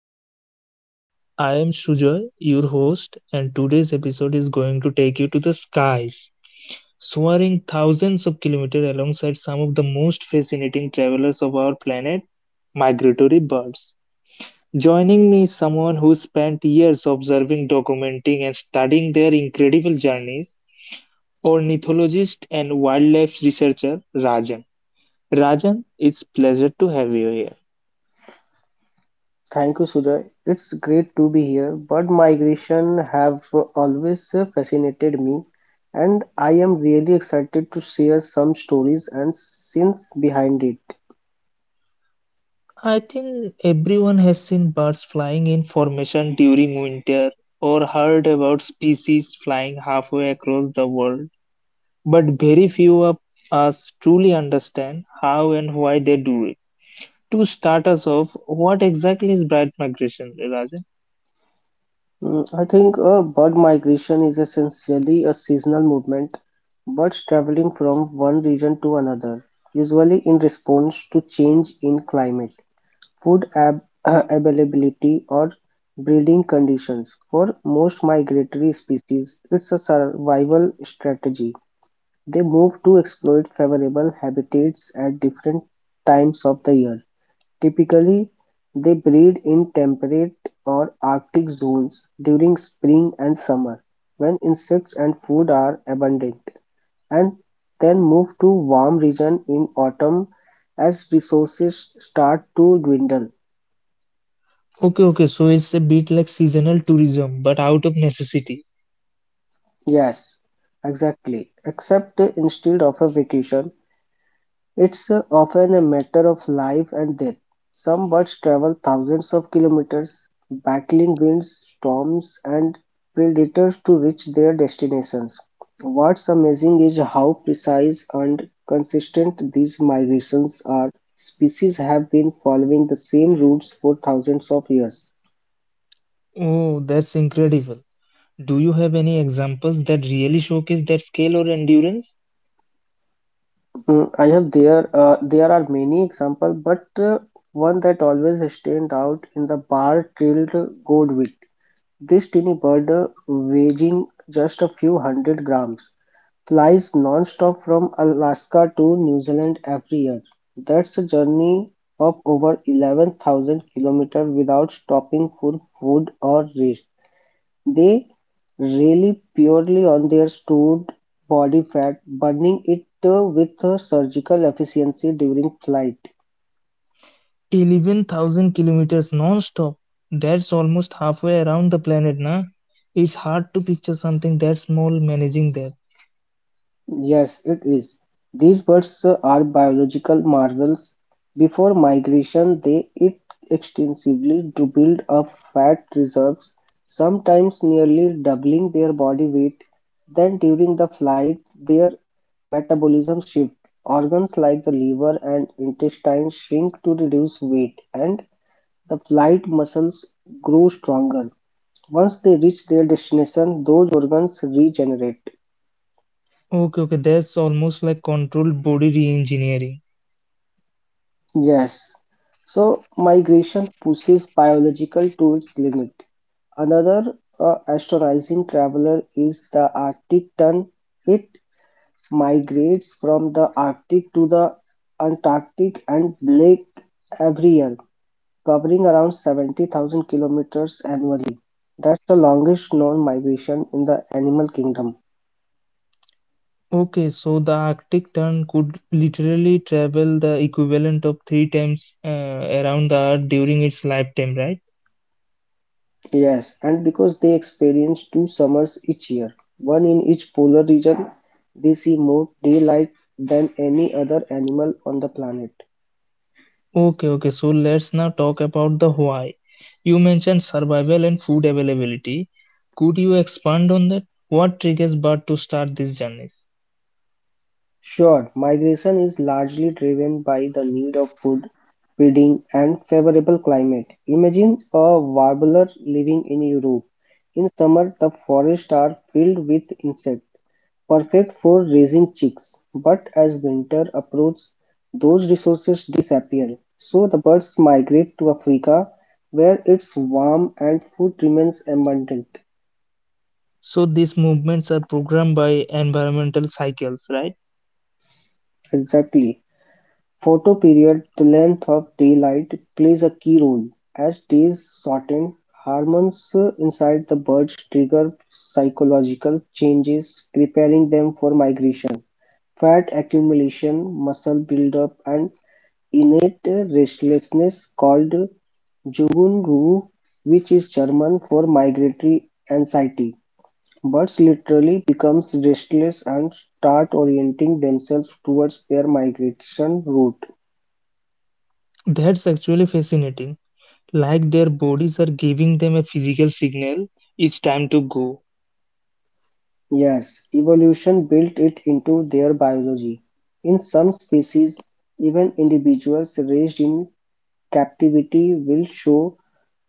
Across the World. I am Sujoy, your host, and today's episode is going to take you to the skies, soaring thousands of kilometers alongside some of the most fascinating travelers of our planet, migratory birds. Joining me is someone who spent years observing, documenting, and studying their incredible journeys ornithologist and wildlife researcher Rajan. Rajan, it's pleasure to have you here. Thank you, Sujoy. It's great to be here. Bird migration have always fascinated me, and I am really excited to share some stories and scenes behind it. I think everyone has seen birds flying in formation during winter or heard about species flying halfway across the world, but very few of us truly understand how and why they do it. To start us off, what exactly is bird migration, Rajan? I think bird migration is essentially a seasonal movement, birds traveling from one region to another, usually in response to change in climate. Food ab availability or breeding conditions. For most migratory species, it's a survival strategy. They move to exploit favorable habitats at different times of the year. Typically, they breed in temperate or Arctic zones during spring and summer when insects and food are abundant, and then move to warm regions in autumn as resources start to dwindle. Okay, okay, so it's a bit like seasonal tourism but out of necessity. Yes, exactly. Except instead of a vacation, it's often a matter of life and death. Some birds travel thousands of kilometers, battling winds, storms, and predators to reach their destinations. What's amazing is how precise and consistent these migrations are. Species have been following the same routes for thousands of years. Oh, that's incredible. Do you have any examples that really showcase that scale or endurance? Mm, I have there there are many examples, but one that always stand out in the bar-tailed goldwing. This tiny bird, weighing just a few hundred grams, flies non-stop from Alaska to New Zealand every year. That's a journey of over 11,000 kilometers without stopping for food or rest. They rely purely on their stored body fat, burning it with surgical efficiency during flight. 11,000 kilometers non-stop. That's almost halfway around the planet, na? It's hard to picture something that small managing that. Yes, it is. These birds are biological marvels. Before migration, they eat extensively to build up fat reserves, sometimes nearly doubling their body weight. Then, during the flight, their metabolism shifts. Organs like the liver and intestine shrink to reduce weight, and the flight muscles grow stronger. Once they reach their destination, those organs regenerate. Okay, okay, that's almost like controlled body re-engineering. Yes. So migration pushes biological to its limit. Another astonishing traveler is the Arctic tern. It migrates from the Arctic to the Antarctic and Black every year, covering around 70,000 kilometers annually. That's the longest known migration in the animal kingdom. Okay, so the Arctic tern could literally travel the equivalent of three times around the Earth during its lifetime, right? Yes, and because they experience two summers each year, one in each polar region, they see more daylight than any other animal on the planet. Okay, okay, so let's now talk about the why. You mentioned survival and food availability. Could you expand on that? What triggers bird to start these journeys? Sure, migration is largely driven by the need of food, feeding, and favorable climate. Imagine a warbler living in Europe. In summer, the forests are filled with insects. Perfect for raising chicks, but as winter approaches those resources disappear, so the birds migrate to Africa where it's warm and food remains abundant. So these movements are programmed by environmental cycles, right? Exactly. Photo period, the length of daylight plays a key role. As days shorten, hormones inside the birds trigger psychological changes, preparing them for migration. Fat accumulation, muscle buildup, and innate restlessness, called "Jugundu", which is German for migratory anxiety, birds literally become restless and start orienting themselves towards their migration route. That's actually fascinating. Like their bodies are giving them a physical signal, it's time to go. Yes, evolution built it into their biology. In some species, even individuals raised in captivity will show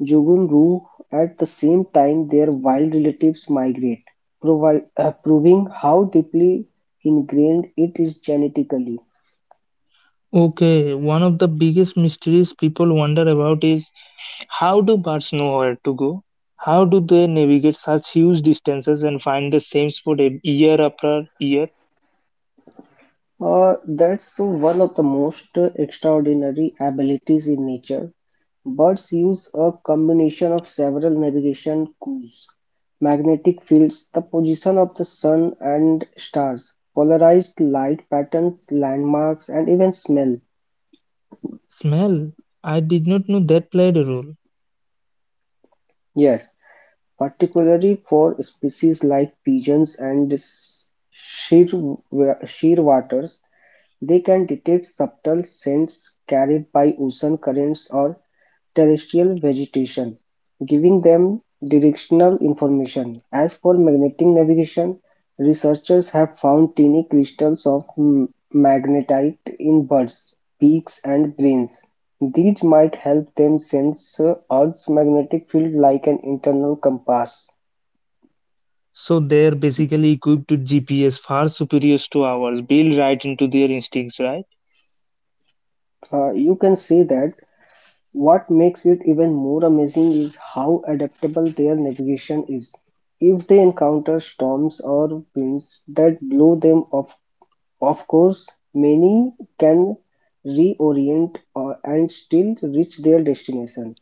Jogurnu at the same time their wild relatives migrate, proving how deeply ingrained it is genetically. Okay, one of the biggest mysteries people wonder about is how do birds know where to go? How do they navigate such huge distances and find the same spot year after year? That's one of the most extraordinary abilities in nature. Birds use a combination of several navigation cues, magnetic fields, the position of the sun and stars, polarized light patterns, landmarks, and even smell. Smell. I did not know that played a role. Yes, particularly for species like pigeons and shearwaters, they can detect subtle scents carried by ocean currents or terrestrial vegetation, giving them directional information. As for magnetic navigation, researchers have found tiny crystals of magnetite in birds, beaks, and brains. These might help them sense Earth's magnetic field like an internal compass. So they're basically equipped with GPS far superior to ours, built right into their instincts, right? You can say that what makes it even more amazing is how adaptable their navigation is. If they encounter storms or winds that blow them off, of course, many can reorient and still reach their destination.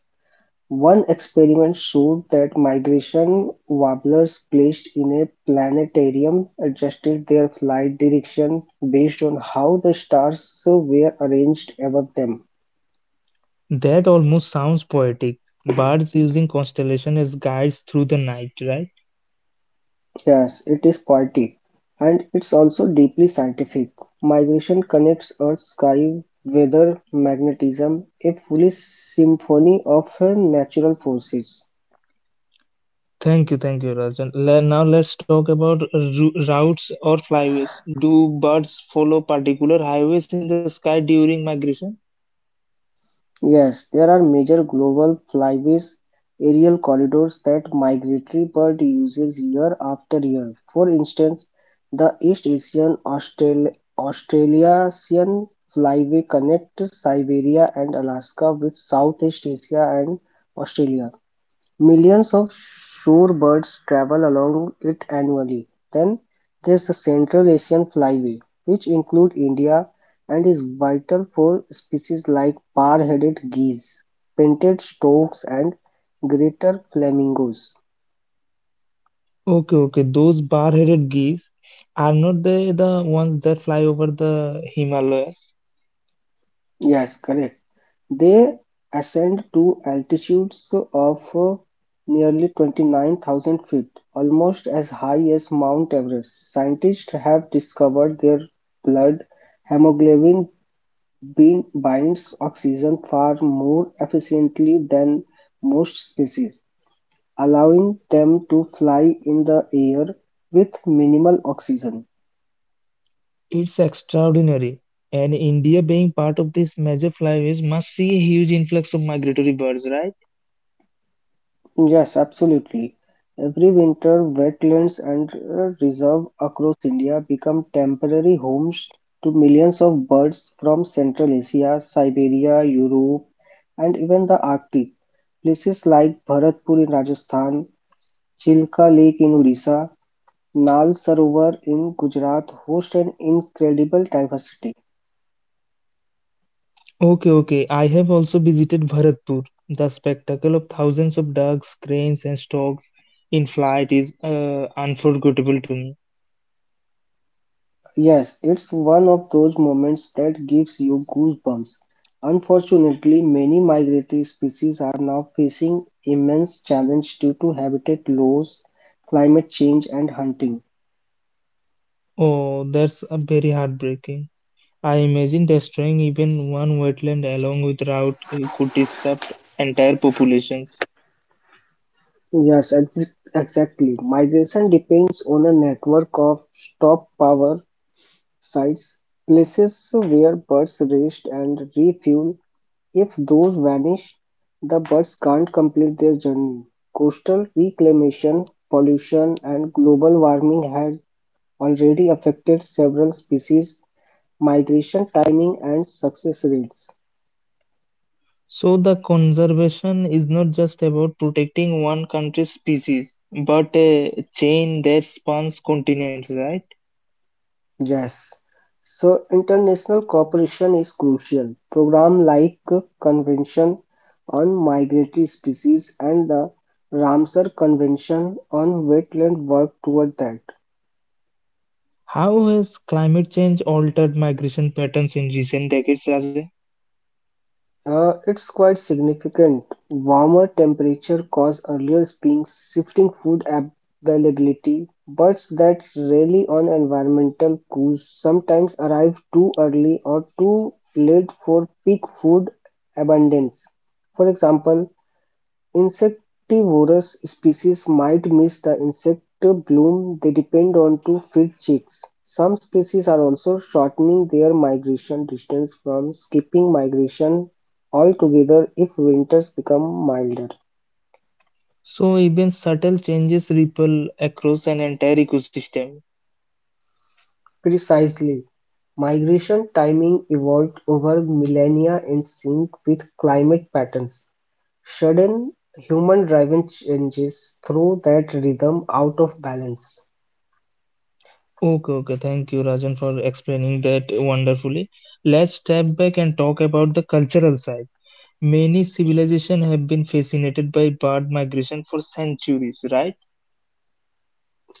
One experiment showed that migration warblers placed in a planetarium adjusted their flight direction based on how the stars were arranged above them. That almost sounds poetic. Birds using constellation as guides through the night, right? Yes, it is poetic and it's also deeply scientific. Migration connects Earth's sky weather magnetism, a fully symphony of natural forces. Thank you, Rajan. Now let's talk about routes or flyways. Do birds follow particular highways in the sky during migration? Yes, there are major global flyways, aerial corridors that migratory bird uses year after year. For instance, the East Asian Australasian flyway connects Siberia and Alaska with Southeast Asia and Australia. Millions of shorebirds travel along it annually. Then there's the Central Asian flyway, which includes India and is vital for species like bar-headed geese, painted storks, and greater flamingos. Okay, okay. Those bar-headed geese are not they the ones that fly over the Himalayas? Yes, correct. They ascend to altitudes of nearly 29,000 feet, almost as high as Mount Everest. Scientists have discovered their blood hemoglobin Bean binds oxygen far more efficiently than most species, allowing them to fly in the air with minimal oxygen. It's extraordinary. And India being part of this major flyway must see a huge influx of migratory birds, right? Yes, absolutely. Every winter, wetlands and reserves across India become temporary homes to millions of birds from Central Asia, Siberia, Europe, and even the Arctic. Places like Bharatpur in Rajasthan, Chilka Lake in Odisha, Nal Sarovar in Gujarat hosts an incredible diversity. Okay, okay. I have also visited Bharatpur. The spectacle of thousands of ducks, cranes, and storks in flight is unforgettable to me. Yes, it's one of those moments that gives you goosebumps. Unfortunately, many migratory species are now facing immense challenge due to habitat loss, climate change, and hunting. Oh, that's very heartbreaking. I imagine destroying even one wetland along with route could disrupt entire populations. Yes, exactly. Migration depends on a network of stop power sites, places where birds rest and refuel. If those vanish, the birds can't complete their journey. Coastal reclamation, pollution, and global warming has already affected several species' migration timing and success rates. So the conservation is not just about protecting one country's species, but a chain that spans continents, right? Yes. So international cooperation is crucial. Programs like Convention on Migratory Species and the Ramsar Convention on Wetland work toward that. How has climate change altered migration patterns in recent decades, Raja? It's quite significant. Warmer temperature cause earlier spring, shifting food availability. Birds that rely on environmental cues sometimes arrive too early or too late for peak food abundance. For example, insectivorous species might miss the insect bloom they depend on to feed chicks. Some species are also shortening their migration distance from skipping migration altogether if winters become milder. So even subtle changes ripple across an entire ecosystem. Precisely. Migration timing evolved over millennia in sync with climate patterns. Sudden human driven changes throw that rhythm out of balance. Okay, okay. Thank you, Rajan, for explaining that wonderfully. Let's step back and talk about the cultural side. Many civilizations have been fascinated by bird migration for centuries, right?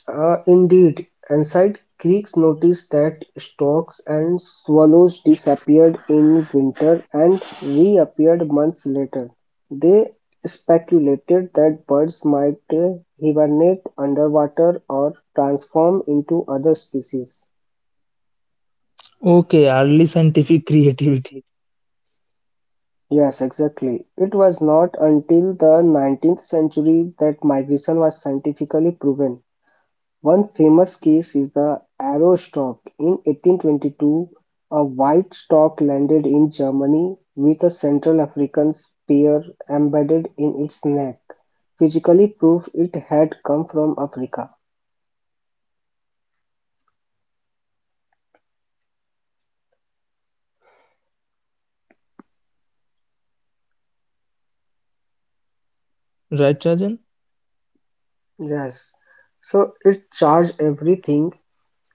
Indeed, ancient Greeks noticed that storks and swallows disappeared in winter and reappeared months later. They speculated that birds might hibernate underwater or transform into other species. Okay, early scientific creativity. Yes, exactly. It was not until the 19th century that migration was scientifically proven. One famous case is the Arrow stork. In 1822, a white stork landed in Germany with a Central African spear embedded in its neck, physically proof it had come from Africa. Right, Rajan? Yes, so it charged everything.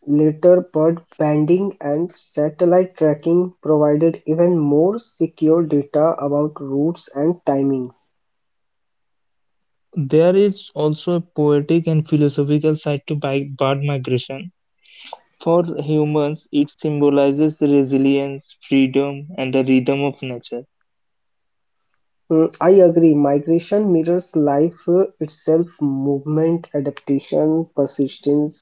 Later, bird banding and satellite tracking provided even more secure data about routes and timings. There is also a poetic and philosophical side to bird migration. For humans, it symbolizes resilience, freedom, and the rhythm of nature. I agree. Migration mirrors life itself movement, adaptation, persistence.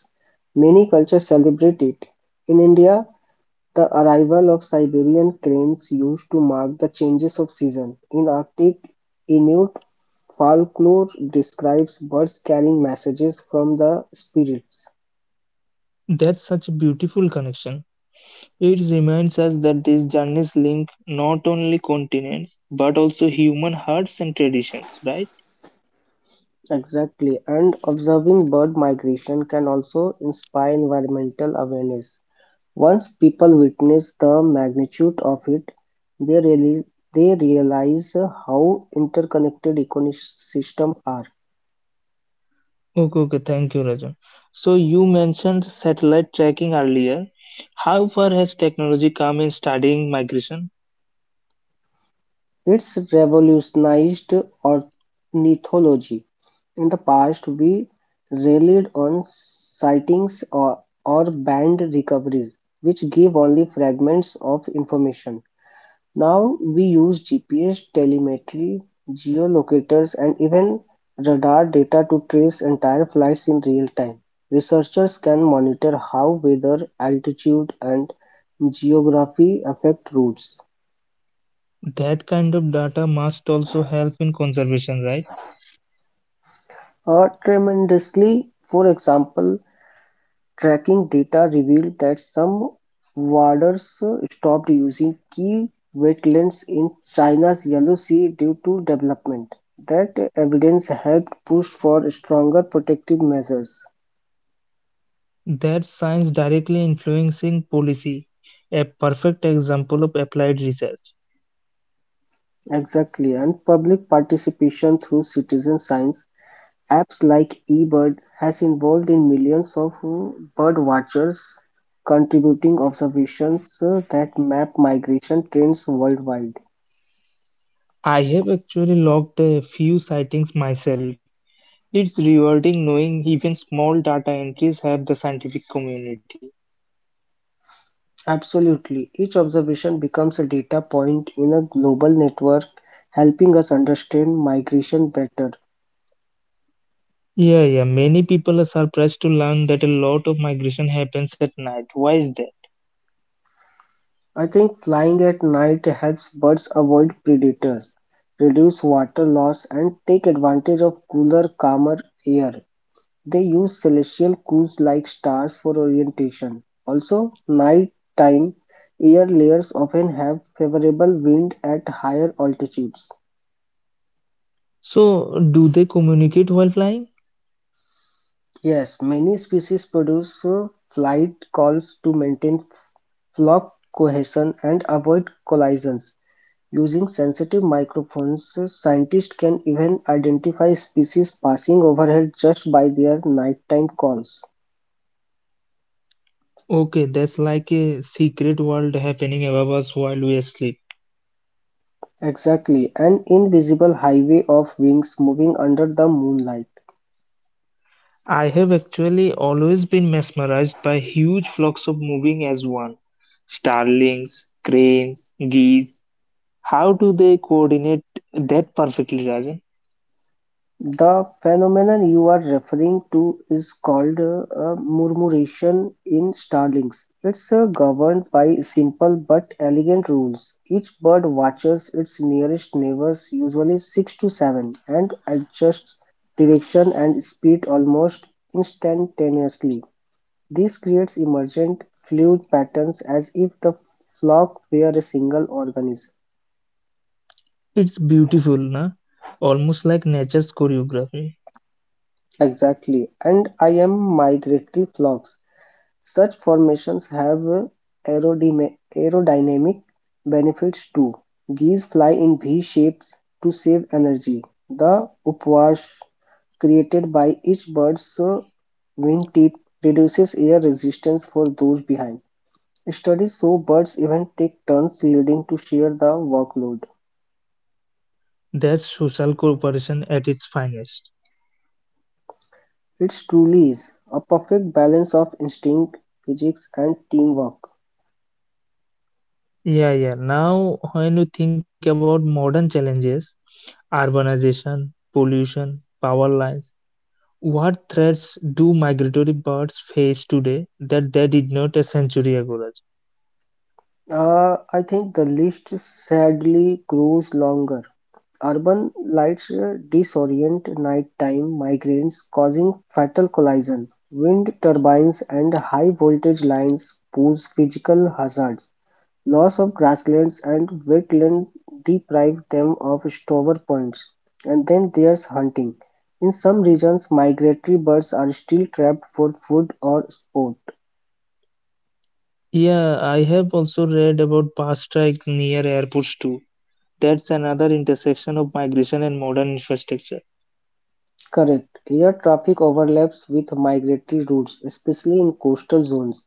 Many cultures celebrate it. In India, the arrival of Siberian cranes used to mark the changes of season. In Arctic, Inuit folklore describes birds carrying messages from the spirits. That's such a beautiful connection. It reminds us that these journeys link not only continents but also human hearts and traditions, right? Exactly, and observing bird migration can also inspire environmental awareness. Once people witness the magnitude of it, they they realize how interconnected ecosystems are. Okay, okay, thank you, Rajan. So you mentioned satellite tracking earlier. How far has technology come in studying migration? It's revolutionized ornithology. In the past, we relied on sightings or band recoveries, which give only fragments of information. Now we use GPS telemetry, geolocators and even radar data to trace entire flights in real time. Researchers can monitor how weather, altitude and geography affect routes. That kind of data must also help in conservation, right? Tremendously, for example, tracking data revealed that some warders stopped using key wetlands in China's Yellow Sea due to development. That evidence helped push for stronger protective measures. That science directly influencing policy. A perfect example of applied research. Exactly, and public participation through citizen science apps like eBird has involved in millions of bird watchers contributing observations that map migration trends worldwide. I have actually logged a few sightings myself. It's rewarding knowing even small data entries help the scientific community. Absolutely. Each observation becomes a data point in a global network, helping us understand migration better. Yeah, yeah. Many people are surprised to learn that a lot of migration happens at night. Why is that? I think flying at night helps birds avoid predators, reduce water loss, and take advantage of cooler, calmer air. They use celestial cues like stars for orientation. Also, nighttime air layers often have favorable wind at higher altitudes. So, do they communicate while flying? Yes, many species produce flight calls to maintain flock cohesion and avoid collisions. Using sensitive microphones, scientists can even identify species passing overhead just by their nighttime calls. Okay, that's like a secret world happening above us while we are asleep. Exactly, an invisible highway of wings moving under the moonlight. I have actually always been mesmerized by huge flocks of moving as one. Starlings, cranes, geese. How do they coordinate that perfectly, Rajan? The phenomenon you are referring to is called a murmuration in starlings. It's governed by simple but elegant rules. Each bird watches its nearest neighbors, usually six to seven, and adjusts direction and speed almost instantaneously. This creates emergent fluid patterns as if the flock were a single organism. It's beautiful, na? Almost like nature's choreography. Exactly, and I am migratory flocks. Such formations have aerodynamic benefits too; geese fly in V-shapes to save energy; the upwash created by each bird's wingtip reduces air resistance for those behind. Studies show birds even take turns leading to share the workload. That's social cooperation at its finest. It truly is a perfect balance of instinct, physics, and teamwork. Yeah, yeah. Now, when you think about modern challenges, urbanization, pollution, power lines, what threats do migratory birds face today that they did not a century ago? Raj? I think the list sadly grows longer. Urban lights disorient nighttime migrants, causing fatal collision. Wind turbines and high voltage lines pose physical hazards. Loss of grasslands and wetland deprive them of stover points. And then there's hunting. In some regions, migratory birds are still trapped for food or sport. Yeah, I have also read about bus strike near airports too. That's another intersection of migration and modern infrastructure. Correct. Air traffic overlaps with migratory routes, especially in coastal zones.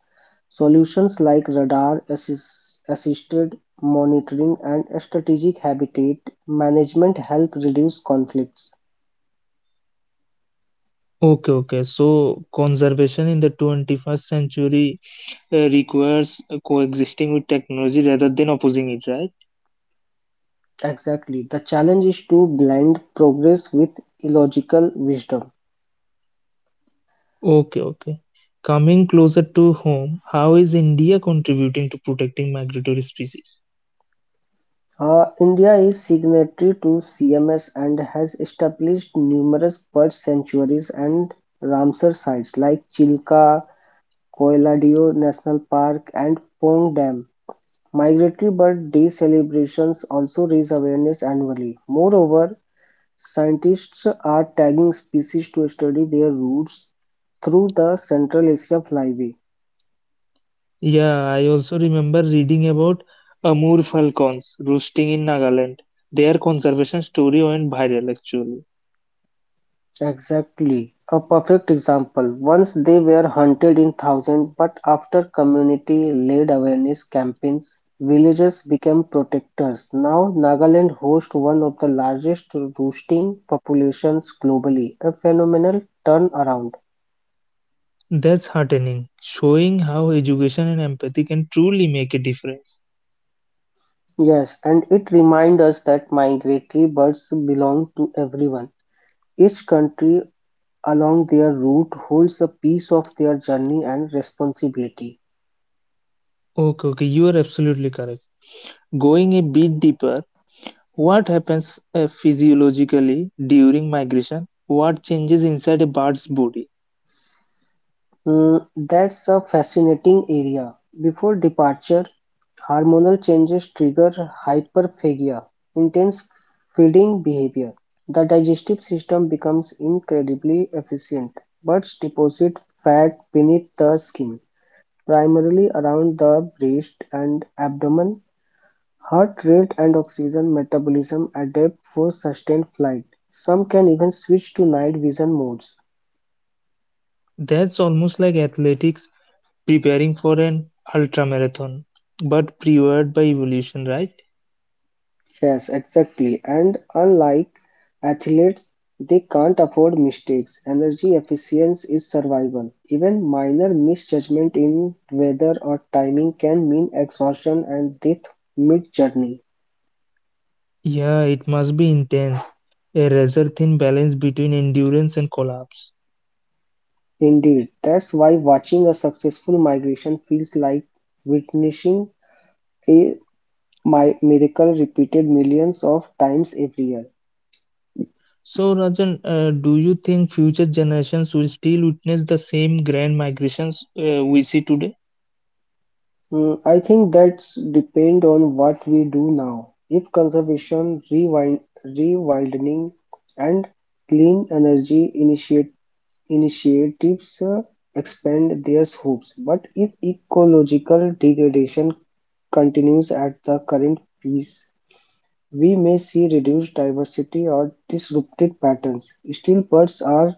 Solutions like radar assisted monitoring and strategic habitat management help reduce conflicts. Okay, okay. So conservation in the 21st century requires coexisting with technology rather than opposing it, right? Exactly. The challenge is to blend progress with illogical wisdom. Okay, okay. Coming closer to home, how is India contributing to protecting migratory species? India is signatory to CMS and has established numerous bird sanctuaries and Ramsar sites like Chilka, Coiladeo National Park and Pong Dam. Migratory Bird Day celebrations also raise awareness annually. Moreover, scientists are tagging species to study their routes through the Central Asia flyway. Yeah, I also remember reading about Amur falcons roosting in Nagaland. Their conservation story went viral actually. Exactly, a perfect example. Once they were hunted in thousands, but after community-led awareness campaigns, villagers became protectors. Now Nagaland hosts one of the largest roosting populations globally, a phenomenal turnaround. That's heartening, showing how education and empathy can truly make a difference. Yes, and it reminds us that migratory birds belong to everyone. Each country along their route holds a piece of their journey and responsibility. Okay, okay, you are absolutely correct. Going a bit deeper, what happens physiologically during migration? What changes inside a bird's body? Hmm, that's a fascinating area. Before departure, hormonal changes trigger hyperphagia, intense feeding behavior. The digestive system becomes incredibly efficient, but deposit fat beneath the skin, primarily around the breast and abdomen. Heart rate and oxygen metabolism adapt for sustained flight. Some can even switch to night vision modes. That's almost like athletics preparing for an ultra marathon, but prepared by evolution, right? Yes, exactly. And unlike athletes, they can't afford mistakes. Energy efficiency is survival. Even minor misjudgment in weather or timing can mean exhaustion and death mid-journey. Yeah, it must be intense. A razor thin balance between endurance and collapse. Indeed, that's why watching a successful migration feels like witnessing a miracle repeated millions of times every year. So, Rajan, do you think future generations will still witness the same grand migrations we see today? I think that's depend on what we do now. If conservation, rewilding, and clean energy initiatives expand their scopes, but if ecological degradation continues at the current pace, we may see reduced diversity or disrupted patterns. Still, birds are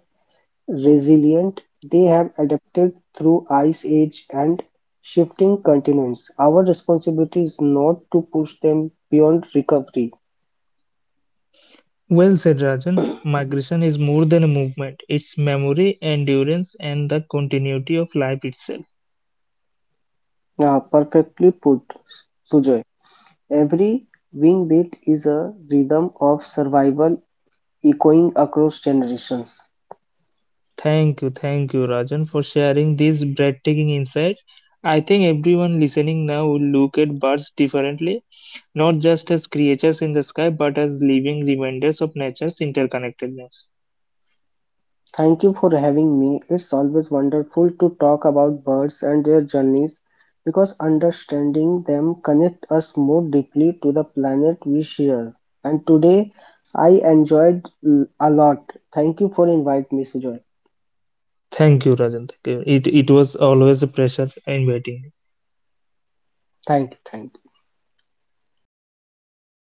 resilient, they have adapted through ice age and shifting continents. Our responsibility is not to push them beyond recovery. Well said, Rajan. Migration is more than a movement, it's memory, endurance, and the continuity of life itself. Ah, perfectly put, Sujoy. Every wing beat is a rhythm of survival echoing across generations. Thank you, Rajan, for sharing these breathtaking insights. I think everyone listening now will look at birds differently, not just as creatures in the sky, but as living reminders of nature's interconnectedness. Thank you for having me. It's always wonderful to talk about birds and their journeys because understanding them connects us more deeply to the planet we share. And today I enjoyed a lot. Thank you for inviting me, Sujoy. Thank you, Rajan. Thank you. It was always a pleasure inviting you. Thank you, thank you.